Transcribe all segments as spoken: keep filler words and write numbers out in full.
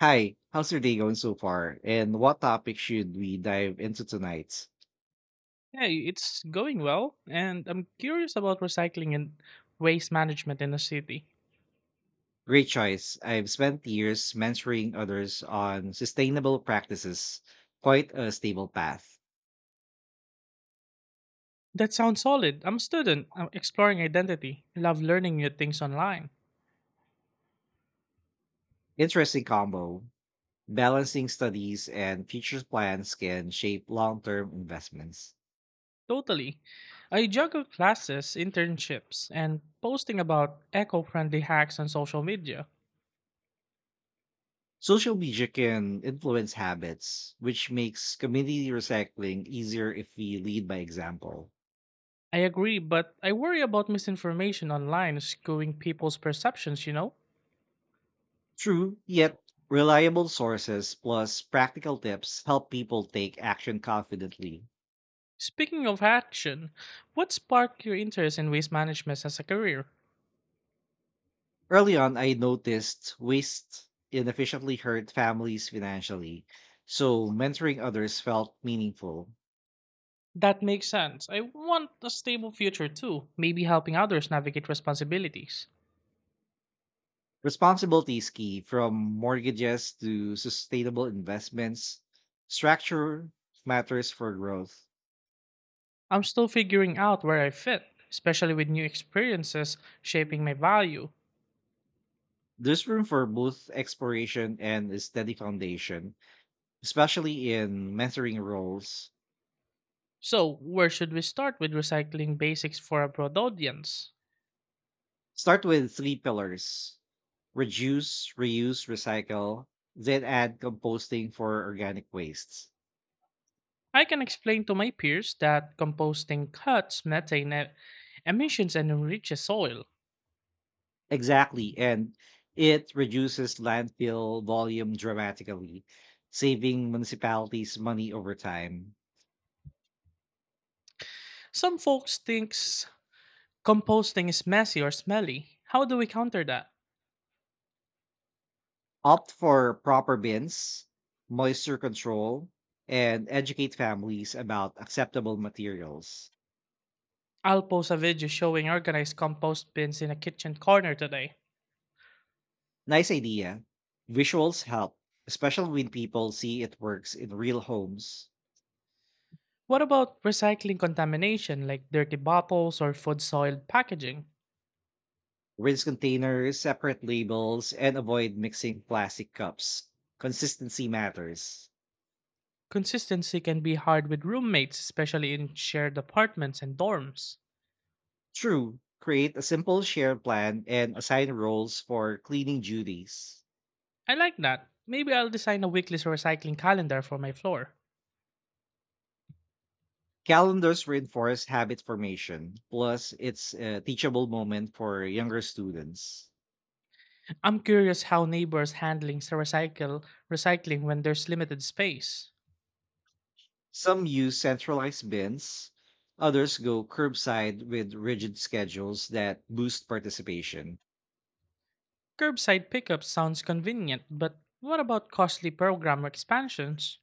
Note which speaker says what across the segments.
Speaker 1: Hi, how's your day going so far? And what topic should we dive into tonight?
Speaker 2: Yeah, it's going well, and I'm curious about recycling and waste management in a city.
Speaker 1: Great choice. I've spent years mentoring others on sustainable practices, quite a stable path.
Speaker 2: That sounds solid. I'm a student. I'm exploring identity. Love learning new things online.
Speaker 1: Interesting combo. Balancing studies and future plans can shape long term investments.
Speaker 2: Totally. I juggle classes, internships, and posting about eco friendly hacks on social media.
Speaker 1: Social media can influence habits, which makes community recycling easier if we lead by example.
Speaker 2: I agree, but I worry about misinformation online skewing people's perceptions, you know?
Speaker 1: True, yet reliable sources plus practical tips help people take action confidently.
Speaker 2: Speaking of action, what sparked your interest in waste management as a career?
Speaker 1: Early on, I noticed waste inefficiently hurt families financially, so mentoring others felt meaningful.
Speaker 2: That makes sense. I want a stable future too, maybe helping others navigate responsibilities.
Speaker 1: Responsibility is key from mortgages to sustainable investments. Structure matters for growth.
Speaker 2: I'm still figuring out where I fit, especially with new experiences shaping my value.
Speaker 1: There's room for both exploration and a steady foundation, especially in mentoring roles.
Speaker 2: So, where should we start with recycling basics for a broad audience?
Speaker 1: Start with three pillars reduce, reuse, recycle, then add composting for organic wastes.
Speaker 2: I can explain to my peers that composting cuts methane e- emissions and enriches soil.
Speaker 1: Exactly. And it reduces landfill volume dramatically, saving municipalities money over time.
Speaker 2: Some folks thinks composting is messy or smelly. How do we counter that?
Speaker 1: Opt for proper bins, moisture control, and educate families about acceptable materials.
Speaker 2: I'll post a video showing organized compost bins in a kitchen corner today.
Speaker 1: Nice idea. Visuals help, especially when people see it works in real homes.
Speaker 2: What about recycling contamination like dirty bottles or food soiled packaging?
Speaker 1: Rinse containers, separate labels, and avoid mixing plastic cups. Consistency matters.
Speaker 2: Consistency can be hard with roommates, especially in shared apartments and dorms.
Speaker 1: True, create a simple shared plan and assign roles for cleaning duties.
Speaker 2: I like that. Maybe I'll design a weekly recycling calendar for my floor.
Speaker 1: Calendars reinforce habit formation, plus, it's a teachable moment for younger students.
Speaker 2: I'm curious how neighbors handling recycle recycling when there's limited space.
Speaker 1: Some use centralized bins, others go curbside with rigid schedules that boost participation.
Speaker 2: Curbside pickup sounds convenient, but what about costly program expansions?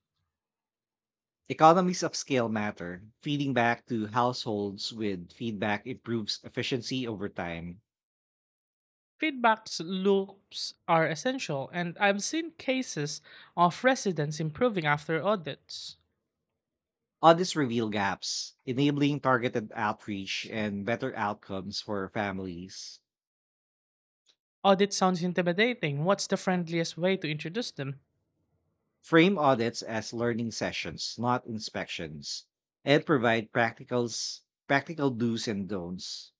Speaker 1: Economies of scale matter. Feeding back to households with feedback improves efficiency over time.
Speaker 2: Feedback loops are essential, and I've seen cases of residents improving after audits.
Speaker 1: Audits reveal gaps, enabling targeted outreach and better outcomes for families.
Speaker 2: Audit sounds intimidating. What's the friendliest way to introduce them?
Speaker 1: Frame audits as learning sessions, not inspections, and provide practicals, practical do's and don'ts.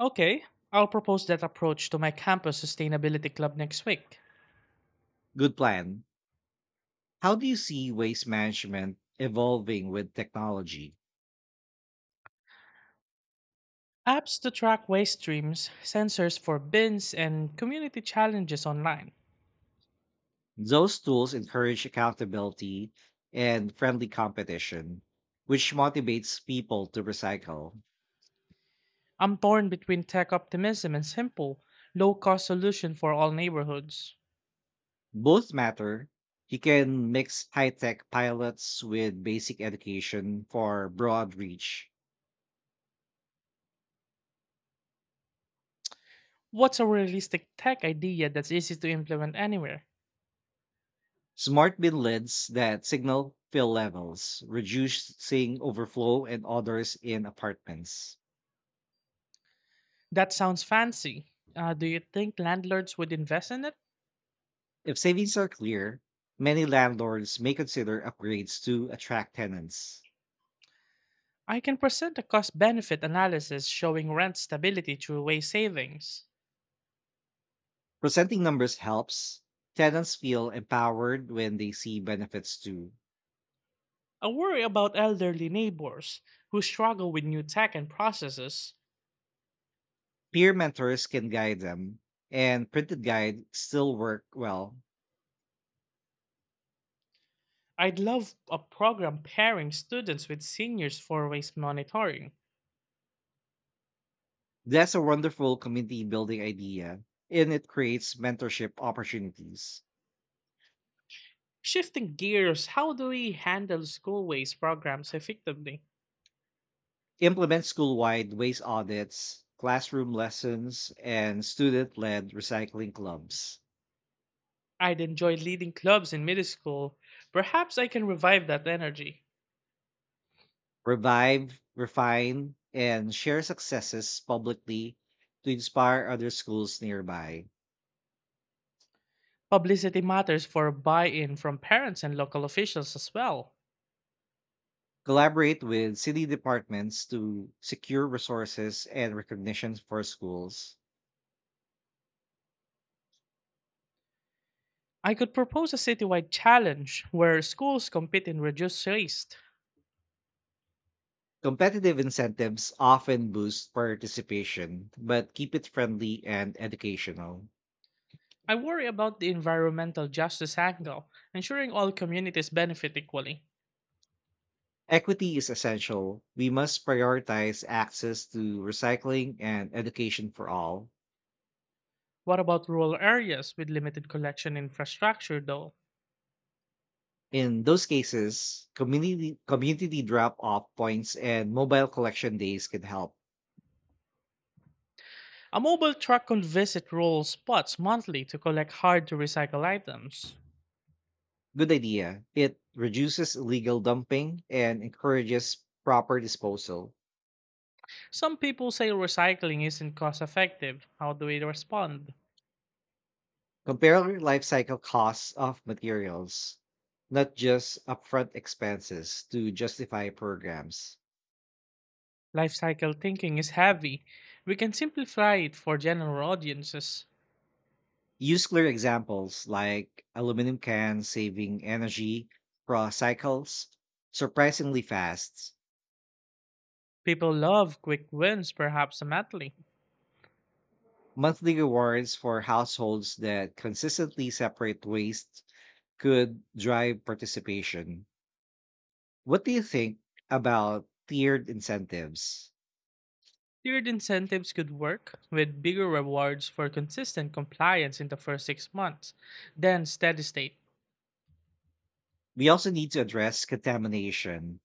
Speaker 2: Okay, I'll propose that approach to my campus sustainability club next week.
Speaker 1: Good plan. How do you see waste management evolving with technology?
Speaker 2: Apps to track waste streams, sensors for bins, and community challenges online.
Speaker 1: Those tools encourage accountability and friendly competition, which motivates people to recycle.
Speaker 2: I'm torn between tech optimism and simple, low cost solution for all neighborhoods.
Speaker 1: Both matter. You can mix high tech pilots with basic education for broad reach.
Speaker 2: What's a realistic tech idea that's easy to implement anywhere?
Speaker 1: Smart bin lids that signal fill levels, reducing overflow and odors in apartments.
Speaker 2: That sounds fancy. Uh, do you think landlords would invest in it?
Speaker 1: If savings are clear, many landlords may consider upgrades to attract tenants.
Speaker 2: I can present a cost benefit analysis showing rent stability through way savings.
Speaker 1: Presenting numbers helps. Tenants feel empowered when they see benefits too.
Speaker 2: I worry about elderly neighbors who struggle with new tech and processes.
Speaker 1: Peer mentors can guide them, and printed guide still work well.
Speaker 2: I'd love a program pairing students with seniors for waste monitoring.
Speaker 1: That's a wonderful community building idea, and it creates mentorship opportunities.
Speaker 2: Shifting gears, how do we handle school waste programs effectively?
Speaker 1: Implement school wide waste audits, classroom lessons, and student led recycling clubs.
Speaker 2: I'd enjoy leading clubs in middle school. Perhaps I can revive that energy.
Speaker 1: Revive, refine, and share successes publicly to inspire other schools nearby.
Speaker 2: Publicity matters for buy in from parents and local officials as well.
Speaker 1: collaborate with city departments to secure resources and recognition for schools.
Speaker 2: I could propose a citywide challenge where schools compete in reduced waste.
Speaker 1: Competitive incentives often boost participation, but keep it friendly and educational.
Speaker 2: I worry about the environmental justice angle, ensuring all communities benefit equally.
Speaker 1: Equity is essential. We must prioritize access to recycling and education for all.
Speaker 2: What about rural areas with limited collection infrastructure, though?
Speaker 1: In those cases, community community drop-off points and mobile collection days can help.
Speaker 2: A mobile truck could visit rural spots monthly to collect hard to recycle items.
Speaker 1: Good idea. It reduces illegal dumping and encourages proper disposal.
Speaker 2: Some people say recycling isn't cost effective. How do we respond?
Speaker 1: Compare life cycle costs of materials, not just upfront expenses, to justify programs.
Speaker 2: Life cycle thinking is heavy. We can simplify it for general audiences.
Speaker 1: Use clear examples like aluminum cans saving energy across cycles surprisingly fast.
Speaker 2: People love quick wins, perhaps immediately.
Speaker 1: Monthly rewards for households that consistently separate waste could drive participation. What do you think about tiered incentives?
Speaker 2: Tiered incentives could work, with bigger rewards for consistent compliance in the first six months, then steady state.
Speaker 1: We also need to address contamination.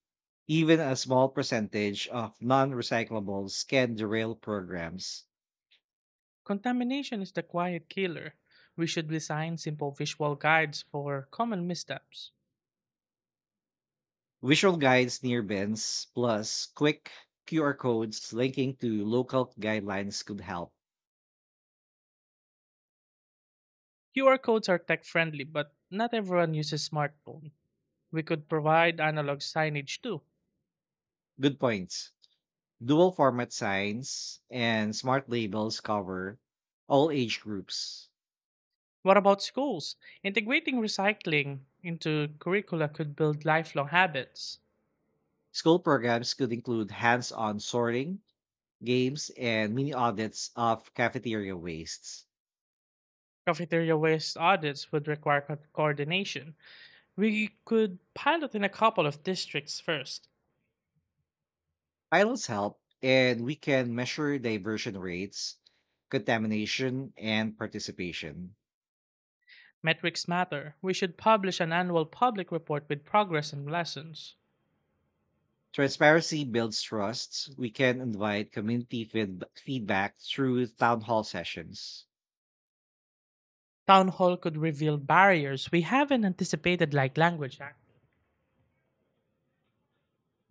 Speaker 1: Even a small percentage of non recyclables can derail programs.
Speaker 2: Contamination is the quiet killer. We should design simple visual guides for common missteps.
Speaker 1: Visual guides near bins, plus quick Q R codes linking to local guidelines could help.
Speaker 2: Q R codes are tech friendly, but not everyone uses smartphone. We could provide analog signage too.
Speaker 1: Good points. Dual format signs and smart labels cover all age groups.
Speaker 2: What about schools? Integrating recycling into curricula could build lifelong habits.
Speaker 1: School programs could include hands on sorting games, and mini audits of cafeteria wastes.
Speaker 2: Cafeteria waste audits would require co- coordination. We could pilot in a couple of districts first.
Speaker 1: Pilots help, and we can measure diversion rates, contamination, and participation.
Speaker 2: Metrics matter. We should publish an annual public report with progress and lessons.
Speaker 1: Transparency builds trust. We can invite community feed- feedback through town hall sessions.
Speaker 2: Town hall could reveal barriers we haven't anticipated, like language act.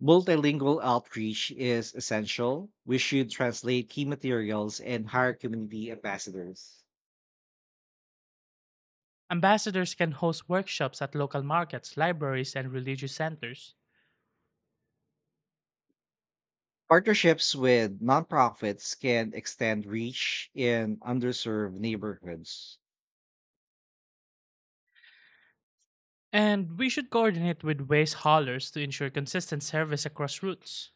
Speaker 1: Multilingual outreach is essential. We should translate key materials and hire community ambassadors.
Speaker 2: Ambassadors can host workshops at local markets, libraries, and religious centers.
Speaker 1: Partnerships with nonprofits can extend reach in underserved neighborhoods.
Speaker 2: And we should coordinate with waste haulers to ensure consistent service across routes.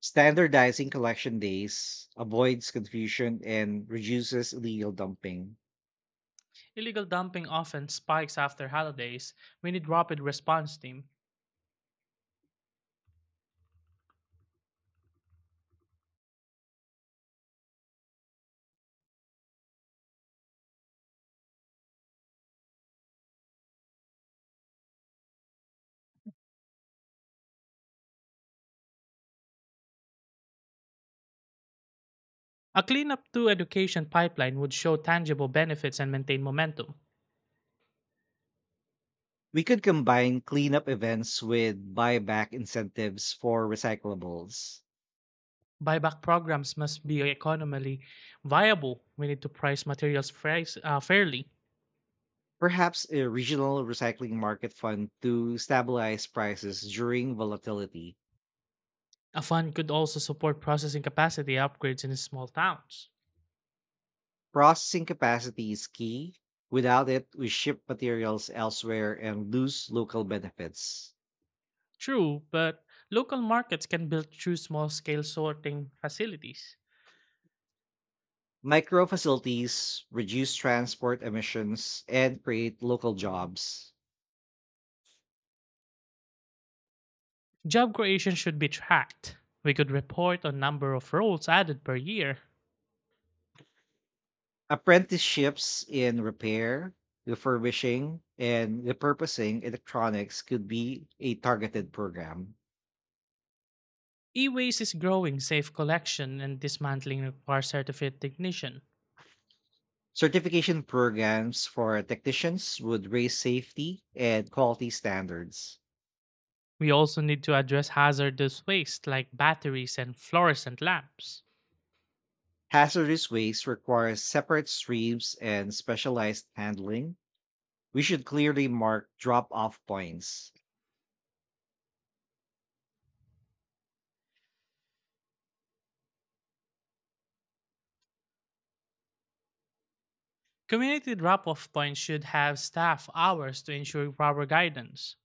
Speaker 1: Standardizing collection days avoids confusion and reduces illegal dumping.
Speaker 2: Illegal dumping often spikes after holidays. We need rapid response team. A cleanup to education pipeline would show tangible benefits and maintain momentum.
Speaker 1: We could combine cleanup events with buyback incentives for recyclables.
Speaker 2: Buyback programs must be economically viable. We need to price materials price, uh, fairly.
Speaker 1: Perhaps a regional recycling market fund to stabilize prices during volatility.
Speaker 2: A fund could also support processing capacity upgrades in small towns.
Speaker 1: Processing capacity is key. Without it, we ship materials elsewhere and lose local benefits.
Speaker 2: True, but local markets can build true small scale sorting facilities.
Speaker 1: Micro facilities reduce transport emissions and create local jobs.
Speaker 2: Job creation should be tracked. We could report on number of roles added per year.
Speaker 1: Apprenticeships in repair, refurbishing, and repurposing electronics could be a targeted program.
Speaker 2: E-waste is growing safe collection and dismantling require certified technician.
Speaker 1: Certification programs for technicians would raise safety and quality standards.
Speaker 2: We also need to address hazardous waste like batteries and fluorescent lamps.
Speaker 1: Hazardous waste requires separate streams and specialized handling. We should clearly mark drop off points.
Speaker 2: Community drop-off points should have staff hours to ensure proper guidance.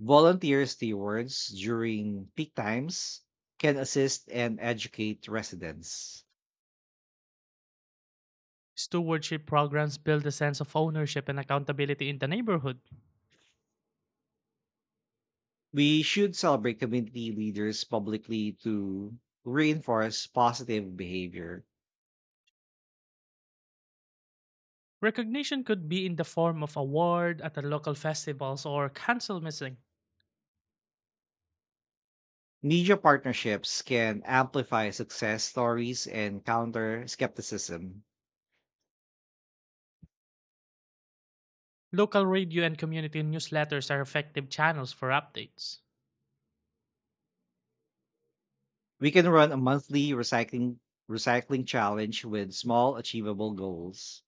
Speaker 1: Volunteer stewards during peak times can assist and educate residents.
Speaker 2: Stewardship programs build a sense of ownership and accountability in the neighborhood.
Speaker 1: We should celebrate community leaders publicly to reinforce positive behavior.
Speaker 2: Recognition could be in the form of award at the local festivals or council meeting.
Speaker 1: Media partnerships can amplify success stories and counter skepticism.
Speaker 2: Local radio and community newsletters are effective channels for updates.
Speaker 1: We can run a monthly recycling recycling challenge with small achievable goals.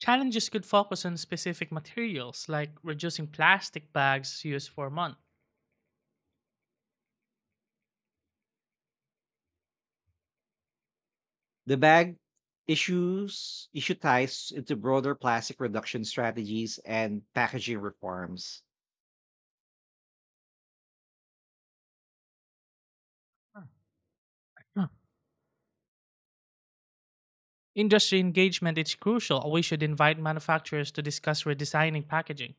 Speaker 2: Challenges could focus on specific materials like reducing plastic bags used for a month.
Speaker 1: The bag issues issue ties into broader plastic reduction strategies and packaging reforms.
Speaker 2: Huh. Industry engagement is crucial. We should invite manufacturers to discuss redesigning packaging.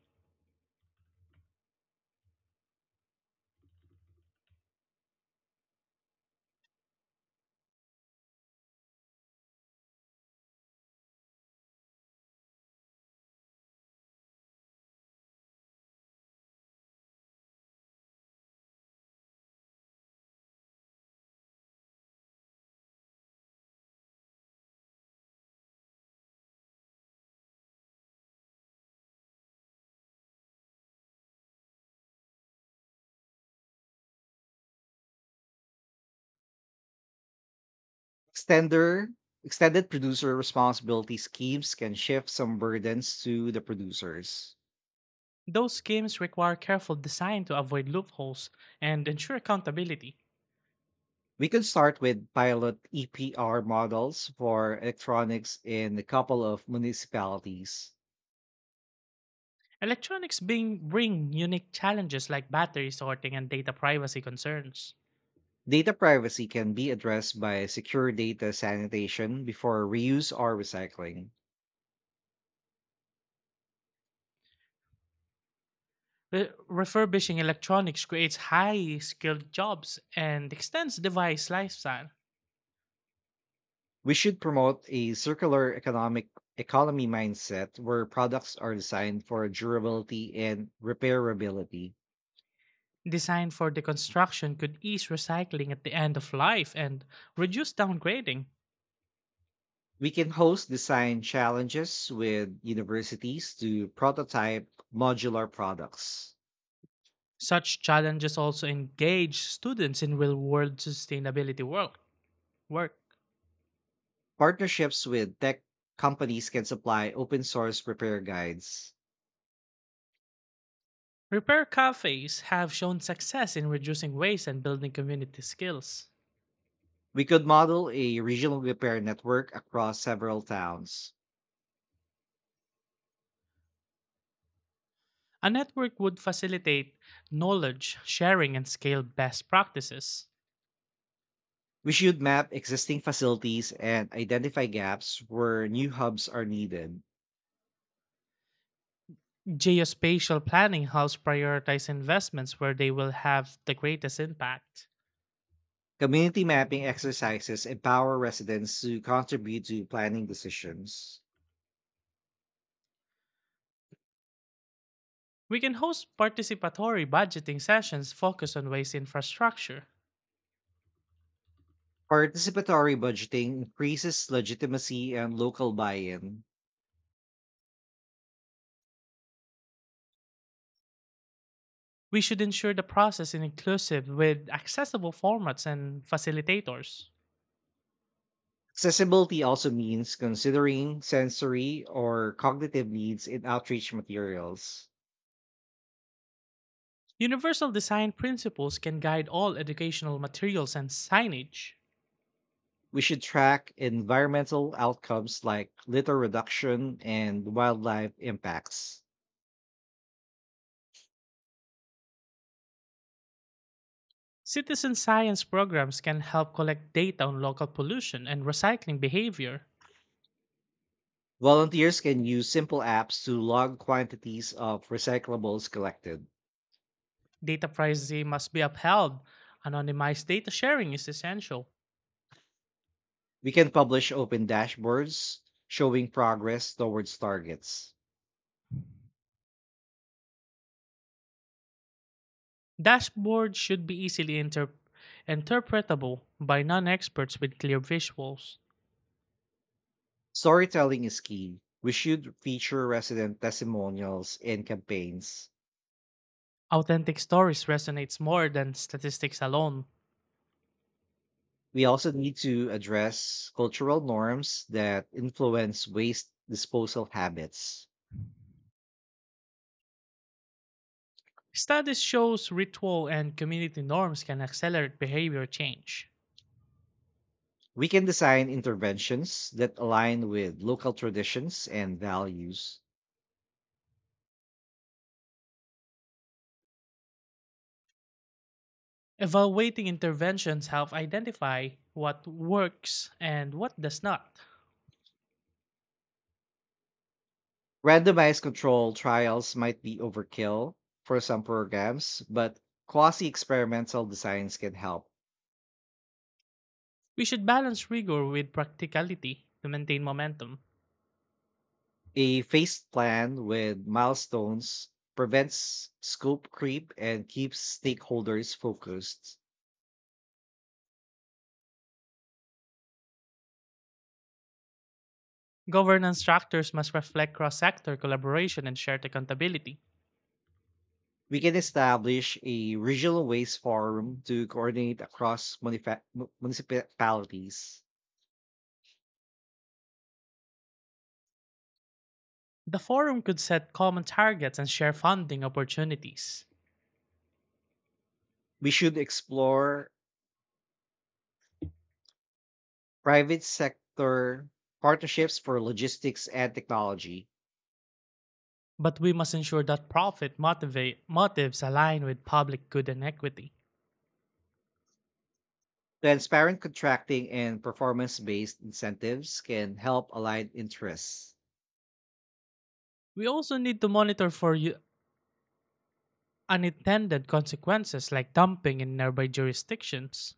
Speaker 1: Extender extended producer responsibility schemes can shift some burdens to the producers.
Speaker 2: Those schemes require careful design to avoid loopholes and ensure accountability.
Speaker 1: We could start with pilot E P R models for electronics in a couple of municipalities.
Speaker 2: Electronics being bring unique challenges like battery sorting and data privacy concerns.
Speaker 1: Data privacy can be addressed by secure data sanitation before reuse or recycling.
Speaker 2: Re- refurbishing electronics creates high skilled jobs and extends device lifestyle.
Speaker 1: We should promote a circular economic economy mindset where products are designed for durability and repairability.
Speaker 2: Design for deconstruction could ease recycling at the end of life and reduce downgrading.
Speaker 1: We can host design challenges with universities to prototype modular products.
Speaker 2: Such challenges also engage students in real world sustainability work. work.
Speaker 1: Partnerships with tech companies can supply open source repair guides.
Speaker 2: Repair cafes have shown success in reducing waste and building community skills.
Speaker 1: We could model a regional repair network across several towns.
Speaker 2: A network would facilitate knowledge sharing and scale best practices.
Speaker 1: We should map existing facilities and identify gaps where new hubs are needed.
Speaker 2: Geospatial planning helps prioritize investments where they will have the greatest impact.
Speaker 1: Community mapping exercises empower residents to contribute to planning decisions.
Speaker 2: We can host participatory budgeting sessions focused on waste infrastructure.
Speaker 1: Participatory budgeting increases legitimacy and local buy in.
Speaker 2: We should ensure the process is inclusive with accessible formats and facilitators.
Speaker 1: Accessibility also means considering sensory or cognitive needs in outreach materials.
Speaker 2: Universal design principles can guide all educational materials and signage.
Speaker 1: We should track environmental outcomes like litter reduction and wildlife impacts.
Speaker 2: Citizen science programs can help collect data on local pollution and recycling behavior.
Speaker 1: Volunteers can use simple apps to log quantities of recyclables collected.
Speaker 2: Data privacy must be upheld. Anonymized data sharing is essential.
Speaker 1: We can publish open dashboards showing progress towards targets.
Speaker 2: Dashboards should be easily inter- interpretable by non-experts with clear visuals.
Speaker 1: Storytelling is key. We should feature resident testimonials and campaigns.
Speaker 2: Authentic stories resonates more than statistics alone.
Speaker 1: We also need to address cultural norms that influence waste disposal habits.
Speaker 2: Studies shows ritual and community norms can accelerate behavior change.
Speaker 1: We can design interventions that align with local traditions and values.
Speaker 2: Evaluating interventions help identify what works and what does not.
Speaker 1: Randomized control trials might be overkill for some programs, but quasi experimental designs can help.
Speaker 2: We should balance rigor with practicality to maintain momentum.
Speaker 1: A phased plan with milestones prevents scope creep and keeps stakeholders focused.
Speaker 2: Governance structures must reflect cross sector collaboration and shared accountability.
Speaker 1: We can establish a regional waste forum to coordinate across munifa- mu- municipalities.
Speaker 2: The forum could set common targets and share funding opportunities.
Speaker 1: We should explore private sector partnerships for logistics and technology.
Speaker 2: But we must ensure that profit motivate, motives align with public good and equity.
Speaker 1: Transparent contracting and performance based incentives can help align interests.
Speaker 2: We also need to monitor for u- unintended consequences like dumping in nearby jurisdictions.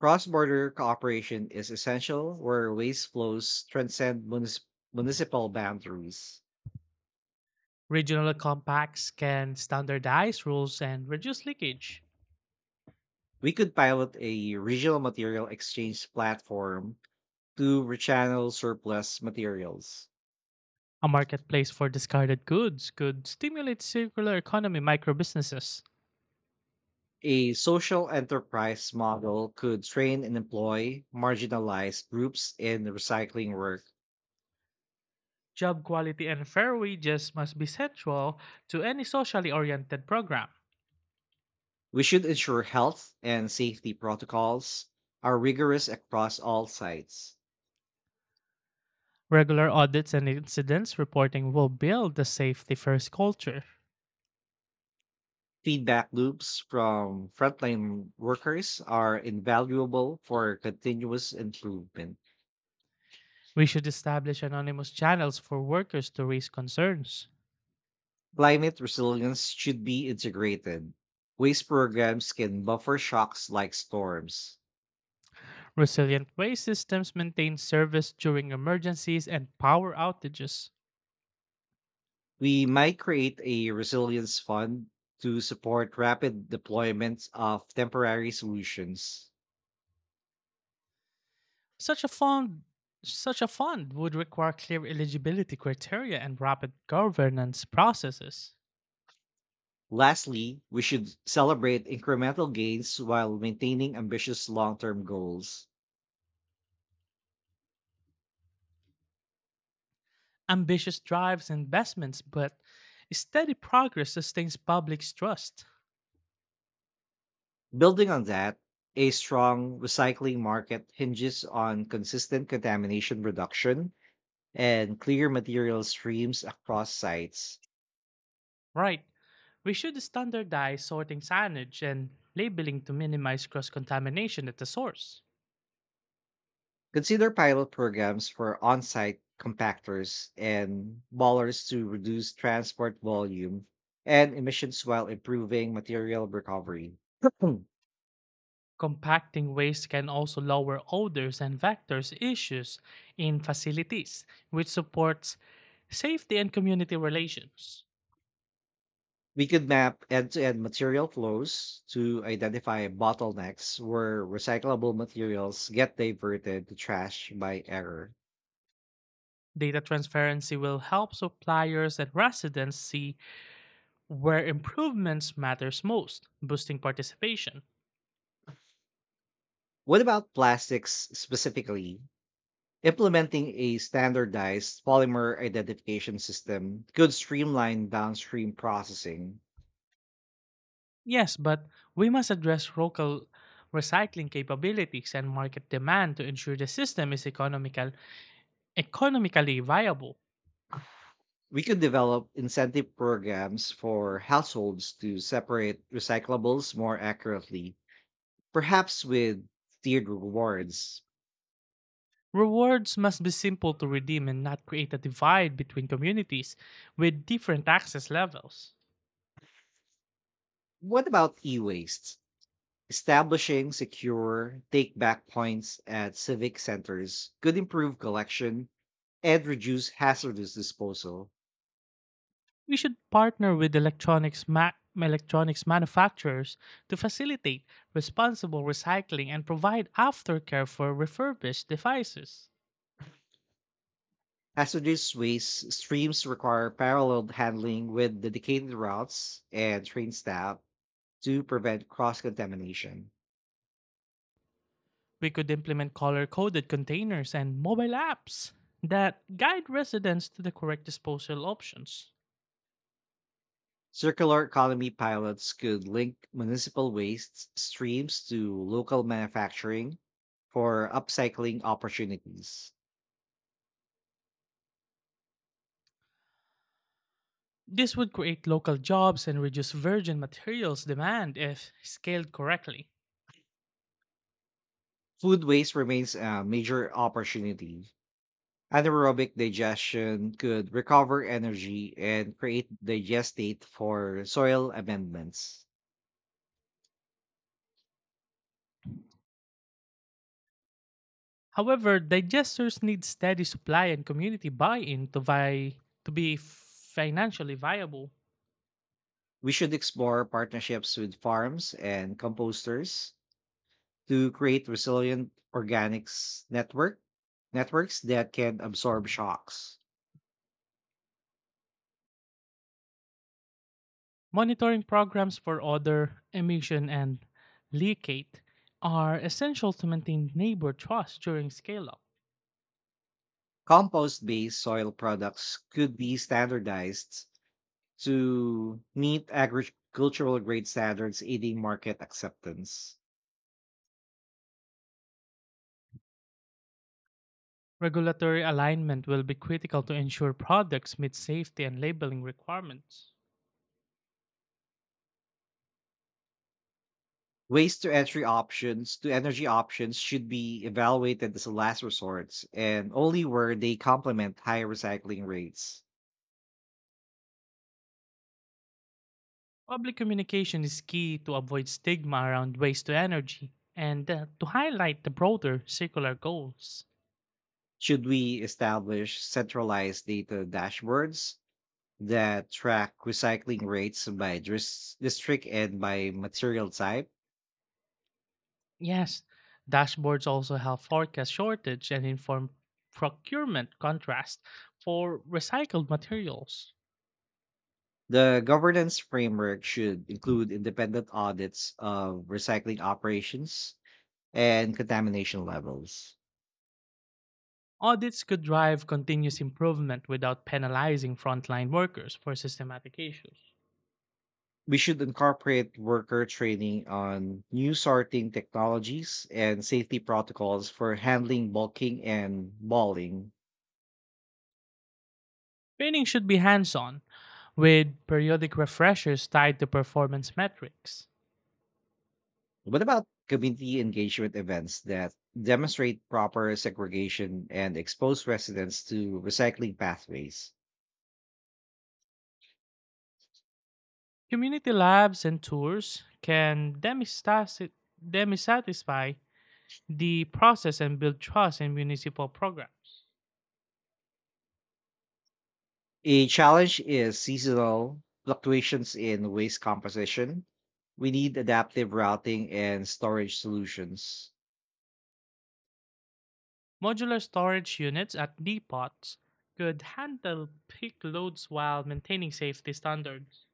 Speaker 1: Cross border cooperation is essential where waste flows transcend munis- municipal boundaries.
Speaker 2: Regional compacts can standardize rules and reduce leakage.
Speaker 1: We could pilot a regional material exchange platform to rechannel surplus materials.
Speaker 2: A marketplace for discarded goods could stimulate circular economy microbusinesses.
Speaker 1: A social enterprise model could train and employ marginalized groups in recycling work.
Speaker 2: Job quality and fair wages must be central to any socially oriented program.
Speaker 1: We should ensure health and safety protocols are rigorous across all sites.
Speaker 2: Regular audits and incidents reporting will build the safety first culture.
Speaker 1: Feedback loops from frontline workers are invaluable for continuous improvement.
Speaker 2: We should establish anonymous channels for workers to raise concerns.
Speaker 1: Climate resilience should be integrated. Waste programs can buffer shocks like storms.
Speaker 2: Resilient waste systems maintain service during emergencies and power outages.
Speaker 1: We might create a resilience fund to support rapid deployments of temporary solutions.
Speaker 2: Such a fund such a fund would require clear eligibility criteria and rapid governance processes.
Speaker 1: Lastly, we should celebrate incremental gains while maintaining ambitious long term goals.
Speaker 2: Ambitious drives investments, but steady progress sustains public trust.
Speaker 1: Building on that, a strong recycling market hinges on consistent contamination reduction and clear material streams across sites.
Speaker 2: Right. We should standardize sorting signage and labeling to minimize cross contamination at the source.
Speaker 1: Consider pilot programs for on site compactors and ballers to reduce transport volume and emissions while improving material recovery.
Speaker 2: Compacting waste can also lower odors and vectors issues in facilities, which supports safety and community relations.
Speaker 1: We could map end-to-end material flows to identify bottlenecks where recyclable materials get diverted to trash by error.
Speaker 2: Data transparency will help suppliers and residents see where improvements matters most, boosting participation.
Speaker 1: What about plastics specifically? Implementing a standardized polymer identification system could streamline downstream processing.
Speaker 2: Yes, but we must address local recycling capabilities and market demand to ensure the system is economical, economically viable.
Speaker 1: We could develop incentive programs for households to separate recyclables more accurately, perhaps with tiered rewards.
Speaker 2: Rewards must be simple to redeem and not create a divide between communities with different access levels.
Speaker 1: What about e waste? Establishing secure take back points at civic centers could improve collection and reduce hazardous disposal.
Speaker 2: We should partner with electronics, ma- electronics manufacturers to facilitate responsible recycling and provide aftercare for refurbished devices.
Speaker 1: Hazardous waste streams require parallel handling with dedicated routes and train staff to prevent cross contamination.
Speaker 2: We could implement color coded containers and mobile apps that guide residents to the correct disposal options.
Speaker 1: Circular economy pilots could link municipal waste streams to local manufacturing for upcycling opportunities.
Speaker 2: This would create local jobs and reduce virgin materials demand if scaled correctly.
Speaker 1: Food waste remains a major opportunity. Anaerobic digestion could recover energy and create digestate for soil amendments.
Speaker 2: However, digesters need steady supply and community buy in to, vi- to be financially viable.
Speaker 1: We should explore partnerships with farms and composters to create resilient organics network networks that can absorb shocks.
Speaker 2: Monitoring programs for odor, emission, and leakate are essential to maintain neighbor trust during scale up.
Speaker 1: Compost-based soil products could be standardized to meet agricultural grade standards, aiding market acceptance.
Speaker 2: Regulatory alignment will be critical to ensure products meet safety and labeling requirements.
Speaker 1: Waste to entry options to energy options should be evaluated as a last resort and only where they complement high recycling rates.
Speaker 2: Public communication is key to avoid stigma around waste to energy and uh, to highlight the broader circular goals.
Speaker 1: Should we establish centralized data dashboards that track recycling rates by dris- district and by material type?
Speaker 2: Yes, dashboards also help forecast shortage and inform procurement contrast for recycled materials.
Speaker 1: The governance framework should include independent audits of recycling operations and contamination levels.
Speaker 2: Audits could drive continuous improvement without penalizing frontline workers for systematic issues.
Speaker 1: we should incorporate worker training on new sorting technologies and safety protocols for handling bulking and balling.
Speaker 2: Training should be hands on, with periodic refreshers tied to performance metrics.
Speaker 1: What about community engagement events that demonstrate proper segregation and expose residents to recycling pathways?
Speaker 2: Community labs and tours can demistas- demisatisfy the process and build trust in municipal programs.
Speaker 1: A challenge is seasonal fluctuations in waste composition. We need adaptive routing and storage solutions.
Speaker 2: Modular storage units at depots could handle peak loads while maintaining safety standards.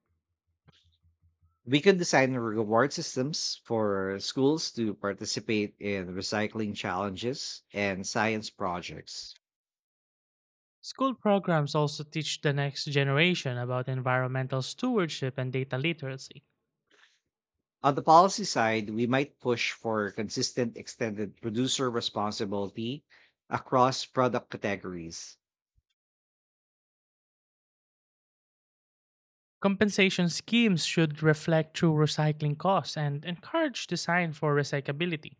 Speaker 1: We could design reward systems for schools to participate in recycling challenges and science projects.
Speaker 2: School programs also teach the next generation about environmental stewardship and data literacy.
Speaker 1: On the policy side, we might push for consistent extended producer responsibility across product categories.
Speaker 2: Compensation schemes should reflect true recycling costs and encourage design for recyclability.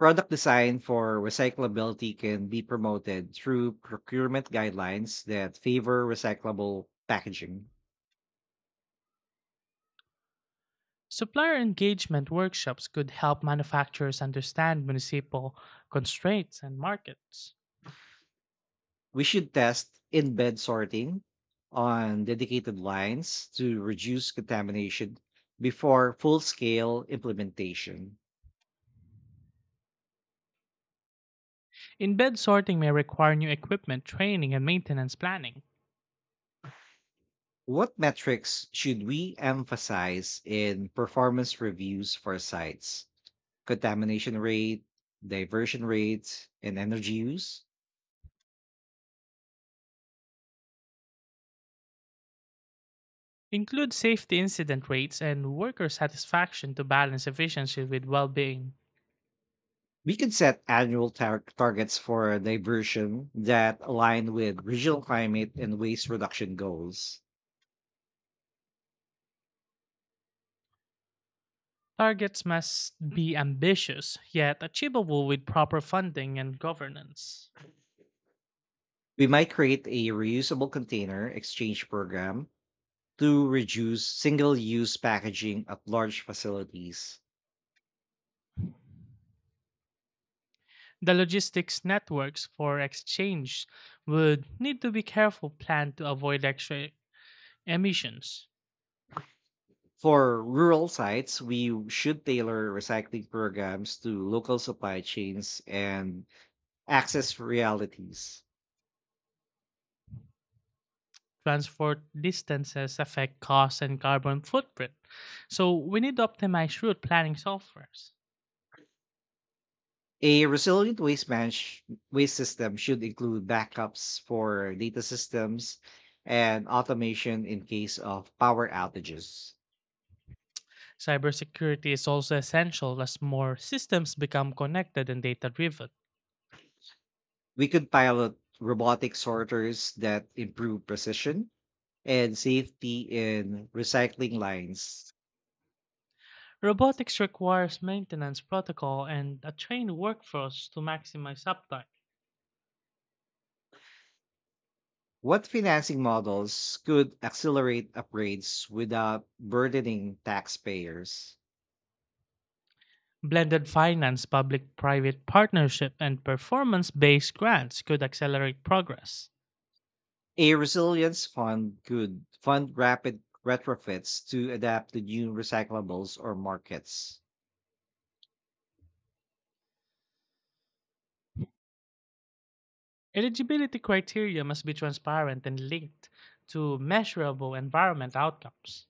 Speaker 1: Product design for recyclability can be promoted through procurement guidelines that favor recyclable packaging.
Speaker 2: Supplier engagement workshops could help manufacturers understand municipal constraints and markets.
Speaker 1: We should test in bed sorting on dedicated lines to reduce contamination before full scale implementation.
Speaker 2: In-bed sorting may require new equipment, training, and maintenance planning.
Speaker 1: What metrics should we emphasize in performance reviews for sites? Contamination rate, diversion rates, and energy use?
Speaker 2: Include safety incident rates and worker satisfaction to balance efficiency with well-being.
Speaker 1: We can set annual tar- targets for diversion that align with regional climate and waste reduction goals.
Speaker 2: Targets must be ambitious yet achievable with proper funding and governance.
Speaker 1: We might create a reusable container exchange program to reduce single use packaging at large facilities.
Speaker 2: The logistics networks for exchange would need to be careful planned to avoid extra emissions.
Speaker 1: For rural sites, we should tailor recycling programs to local supply chains and access realities.
Speaker 2: Transport distances affect cost and carbon footprint, so we need to optimize route planning softwares.
Speaker 1: A resilient waste manage- waste system should include backups for data systems and automation in case of power outages.
Speaker 2: Cybersecurity is also essential as more systems become connected and data driven.
Speaker 1: We could pilot robotic sorters that improve precision and safety in recycling lines.
Speaker 2: Robotics requires maintenance protocol and a trained workforce to maximize uptime.
Speaker 1: What financing models could accelerate upgrades without burdening taxpayers?
Speaker 2: Blended finance, public private partnership, and performance based grants could accelerate progress.
Speaker 1: A resilience fund could fund rapid retrofits to adapt to new recyclables or markets.
Speaker 2: Eligibility criteria must be transparent and linked to measurable environment outcomes.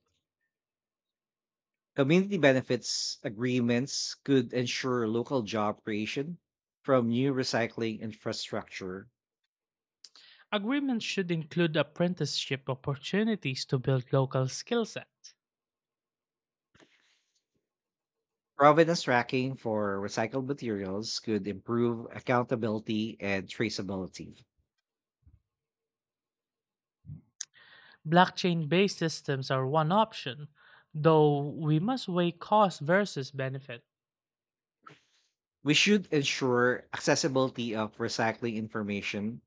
Speaker 1: Community benefits agreements could ensure local job creation from new recycling infrastructure.
Speaker 2: Agreements should include apprenticeship opportunities to build local skill sets.
Speaker 1: Provenance tracking for recycled materials could improve accountability and traceability.
Speaker 2: Blockchain based systems are one option, though we must weigh cost versus benefit.
Speaker 1: We should ensure accessibility of recycling information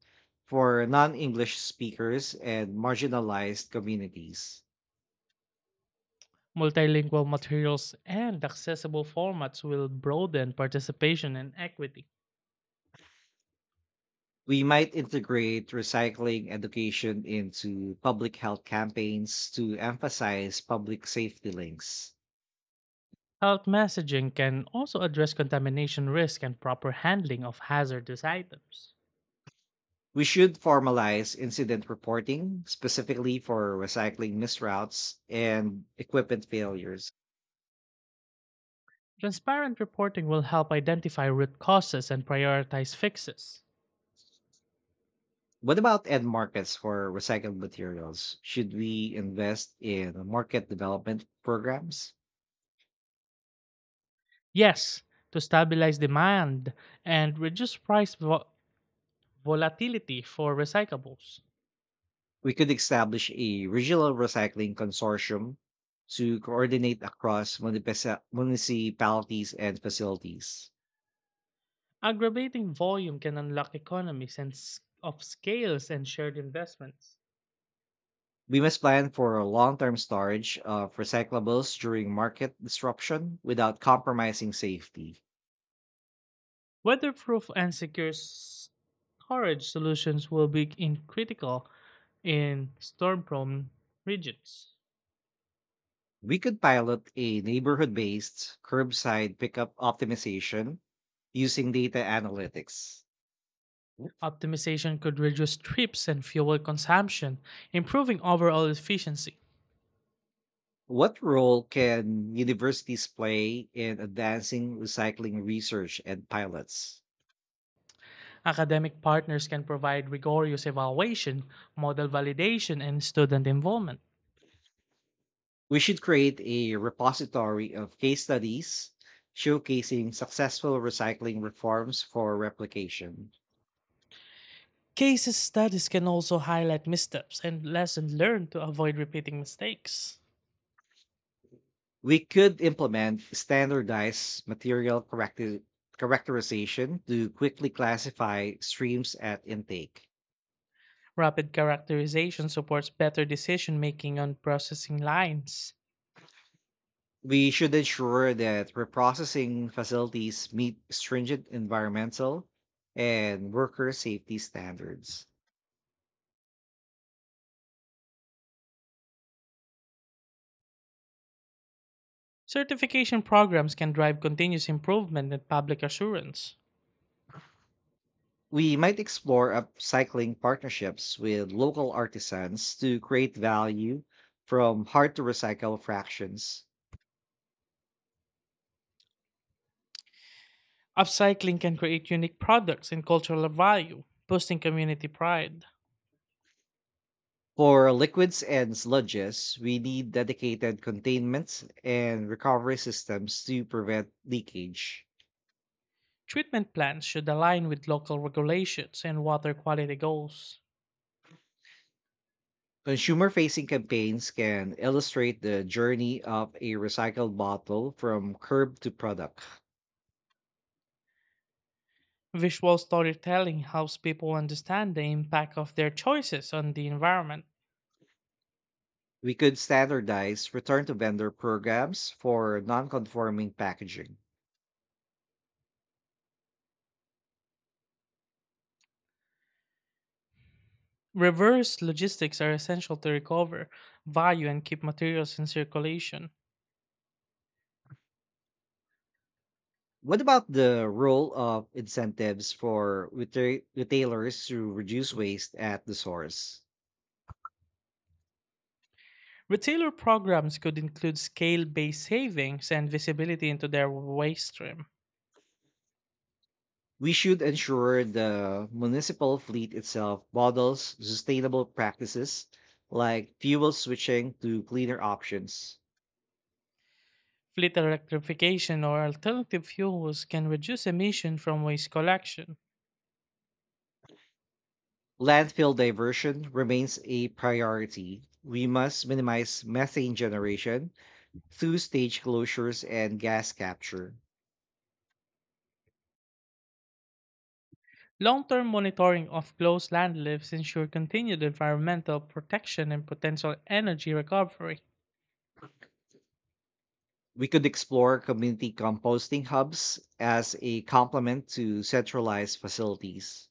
Speaker 1: for non English speakers and marginalized communities.
Speaker 2: Multilingual materials and accessible formats will broaden participation and equity.
Speaker 1: We might integrate recycling education into public health campaigns to emphasize public safety links.
Speaker 2: Health messaging can also address contamination risk and proper handling of hazardous items.
Speaker 1: We should formalize incident reporting specifically for recycling misroutes and equipment failures.
Speaker 2: Transparent reporting will help identify root causes and prioritize fixes.
Speaker 1: What about end markets for recycled materials? Should we invest in market development programs?
Speaker 2: Yes, to stabilize demand and reduce price vo- volatility for recyclables.
Speaker 1: We could establish a regional recycling consortium to coordinate across munipesa- municipalities and facilities.
Speaker 2: Aggravating volume can unlock economies and s- of scales and shared investments.
Speaker 1: We must plan for a long term storage of recyclables during market disruption without compromising safety.
Speaker 2: Weatherproof and secure s- storage solutions will be in critical in storm-prone regions.
Speaker 1: We could pilot a neighborhood based curbside pickup optimization using data analytics.
Speaker 2: Optimization could reduce trips and fuel consumption, improving overall efficiency.
Speaker 1: What role can universities play in advancing recycling research and pilots?
Speaker 2: Academic partners can provide rigorous evaluation, model validation, and student involvement.
Speaker 1: We should create a repository of case studies showcasing successful recycling reforms for replication.
Speaker 2: Case studies can also highlight missteps and lessons learned to avoid repeating mistakes.
Speaker 1: We could implement standardized material character characterization to quickly classify streams at intake.
Speaker 2: Rapid characterization supports better decision making on processing lines.
Speaker 1: We should ensure that reprocessing facilities meet stringent environmental and worker safety standards.
Speaker 2: Certification programs can drive continuous improvement and public assurance.
Speaker 1: We might explore upcycling partnerships with local artisans to create value from hard to recycle fractions.
Speaker 2: Upcycling can create unique products and cultural value, boosting community pride.
Speaker 1: For liquids and sludges, we need dedicated containment and recovery systems to prevent leakage.
Speaker 2: Treatment plans should align with local regulations and water quality goals.
Speaker 1: Consumer facing campaigns can illustrate the journey of a recycled bottle from curb to product.
Speaker 2: Visual storytelling helps people understand the impact of their choices on the environment.
Speaker 1: We could standardize return to vendor programs for non conforming packaging.
Speaker 2: Reverse logistics are essential to recover value and keep materials in circulation.
Speaker 1: What about the role of incentives for reta- retailers to reduce waste at the source?
Speaker 2: Retailer programs could include scale based savings and visibility into their waste stream.
Speaker 1: We should ensure the municipal fleet itself models sustainable practices like fuel switching to cleaner options.
Speaker 2: Fleet electrification or alternative fuels can reduce emission from waste collection.
Speaker 1: Landfill diversion remains a priority. We must minimize methane generation through stage closures and gas capture.
Speaker 2: Long term monitoring of closed landfills ensure continued environmental protection and potential energy recovery.
Speaker 1: We could explore community composting hubs as a complement to centralized facilities.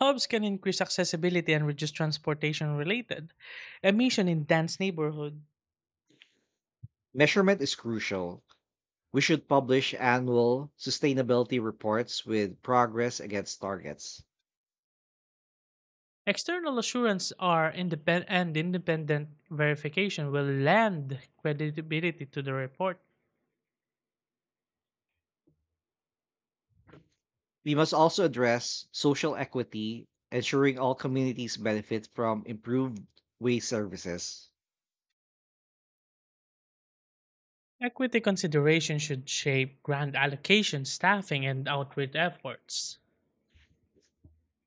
Speaker 2: Hubs can increase accessibility and reduce transportation related emission in dense neighborhoods.
Speaker 1: Measurement is crucial. We should publish annual sustainability reports with progress against targets.
Speaker 2: External assurance are independent and independent verification will lend credibility to the report.
Speaker 1: We must also address social equity, ensuring all communities benefit from improved waste services.
Speaker 2: Equity consideration should shape grant allocation, staffing, and outreach efforts.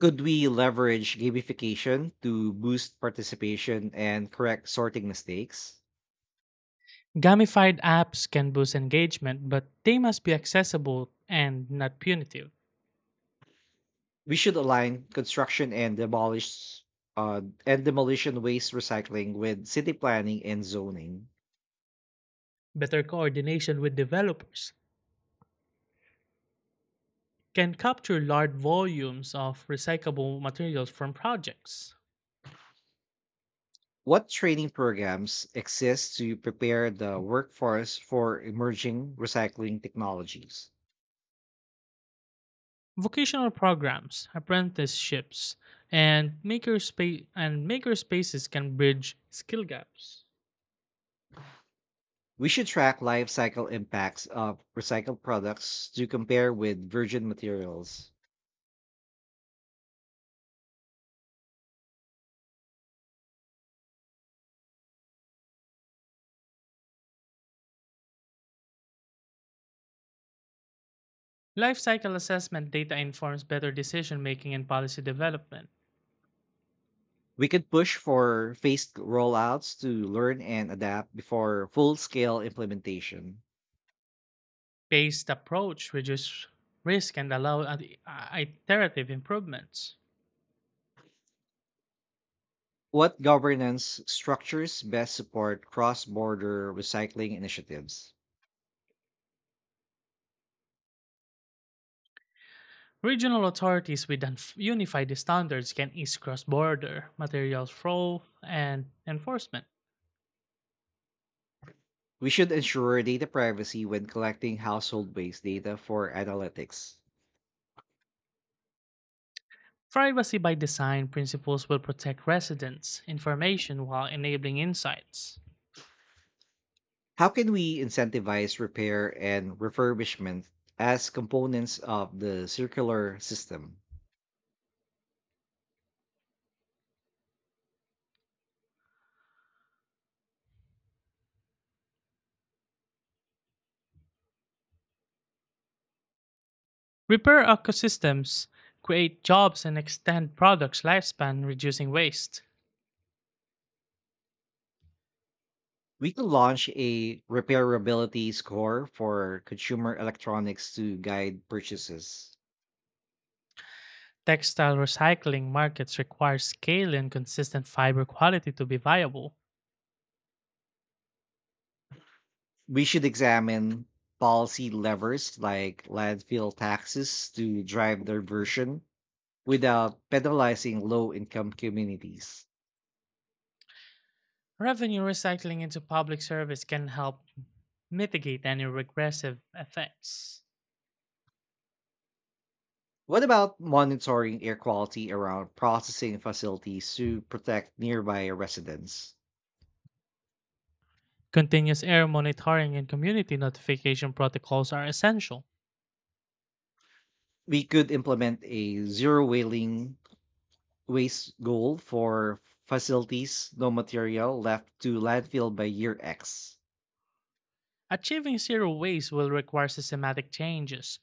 Speaker 1: Could we leverage gamification to boost participation and correct sorting mistakes?
Speaker 2: Gamified apps can boost engagement, but they must be accessible and not punitive.
Speaker 1: We should align construction and demolish uh, and demolition waste recycling with city planning and zoning.
Speaker 2: Better coordination with developers can capture large volumes of recyclable materials from projects.
Speaker 1: What training programs exist to prepare the workforce for emerging recycling technologies?
Speaker 2: Vocational programs, apprenticeships, and maker space and maker spaces can bridge skill gaps.
Speaker 1: We should track life cycle impacts of recycled products to compare with virgin materials.
Speaker 2: Life cycle assessment data informs better decision making and policy development.
Speaker 1: We could push for phased rollouts to learn and adapt before full scale implementation.
Speaker 2: Based approach reduce risk and allow ad- iterative improvements.
Speaker 1: What governance structures best support cross border recycling initiatives?
Speaker 2: Regional authorities with unf- unified standards can ease cross-border material flow and enforcement.
Speaker 1: We should ensure data privacy when collecting household waste data for analytics.
Speaker 2: Privacy by design principles will protect residents' information while enabling insights.
Speaker 1: How can we incentivize repair and refurbishment as components of the circular system?
Speaker 2: Repair ecosystems, create jobs, and extend products' lifespan, reducing waste.
Speaker 1: We could launch a repairability score for consumer electronics to guide purchases.
Speaker 2: Textile recycling markets require scale and consistent fiber quality to be viable.
Speaker 1: We should examine policy levers like landfill taxes to drive diversion without penalizing low income communities.
Speaker 2: Revenue recycling into public service can help mitigate any regressive effects.
Speaker 1: What about monitoring air quality around processing facilities to protect nearby residents?
Speaker 2: Continuous air monitoring and community notification protocols are essential.
Speaker 1: We could implement a zero whaling waste goal for facilities no material left to landfill by year X.
Speaker 2: Achieving zero waste will require systematic changes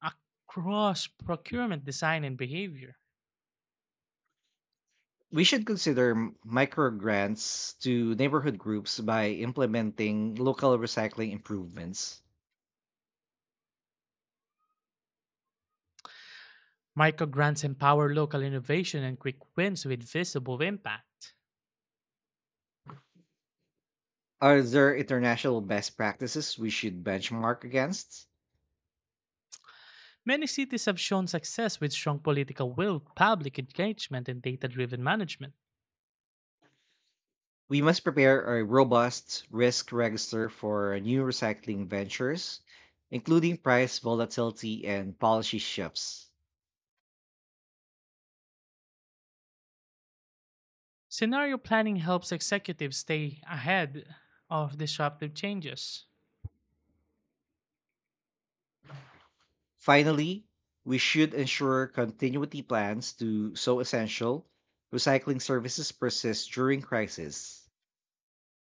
Speaker 2: across procurement design and behavior.
Speaker 1: We should consider m- micro grants to neighborhood groups by implementing local recycling improvements.
Speaker 2: Micro grants empower local innovation and quick wins with visible impact.
Speaker 1: Are there international best practices we should benchmark against?
Speaker 2: Many cities have shown success with strong political will, public engagement, and data driven management.
Speaker 1: We must prepare a robust risk register for new recycling ventures, including price volatility and policy shifts.
Speaker 2: Scenario planning helps executives stay ahead of disruptive changes.
Speaker 1: Finally, we should ensure continuity plans to so essential recycling services persist during crisis.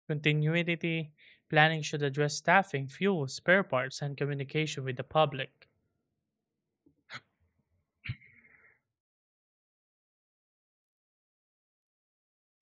Speaker 2: Continuity planning should address staffing, fuel, spare parts, and communication with the public.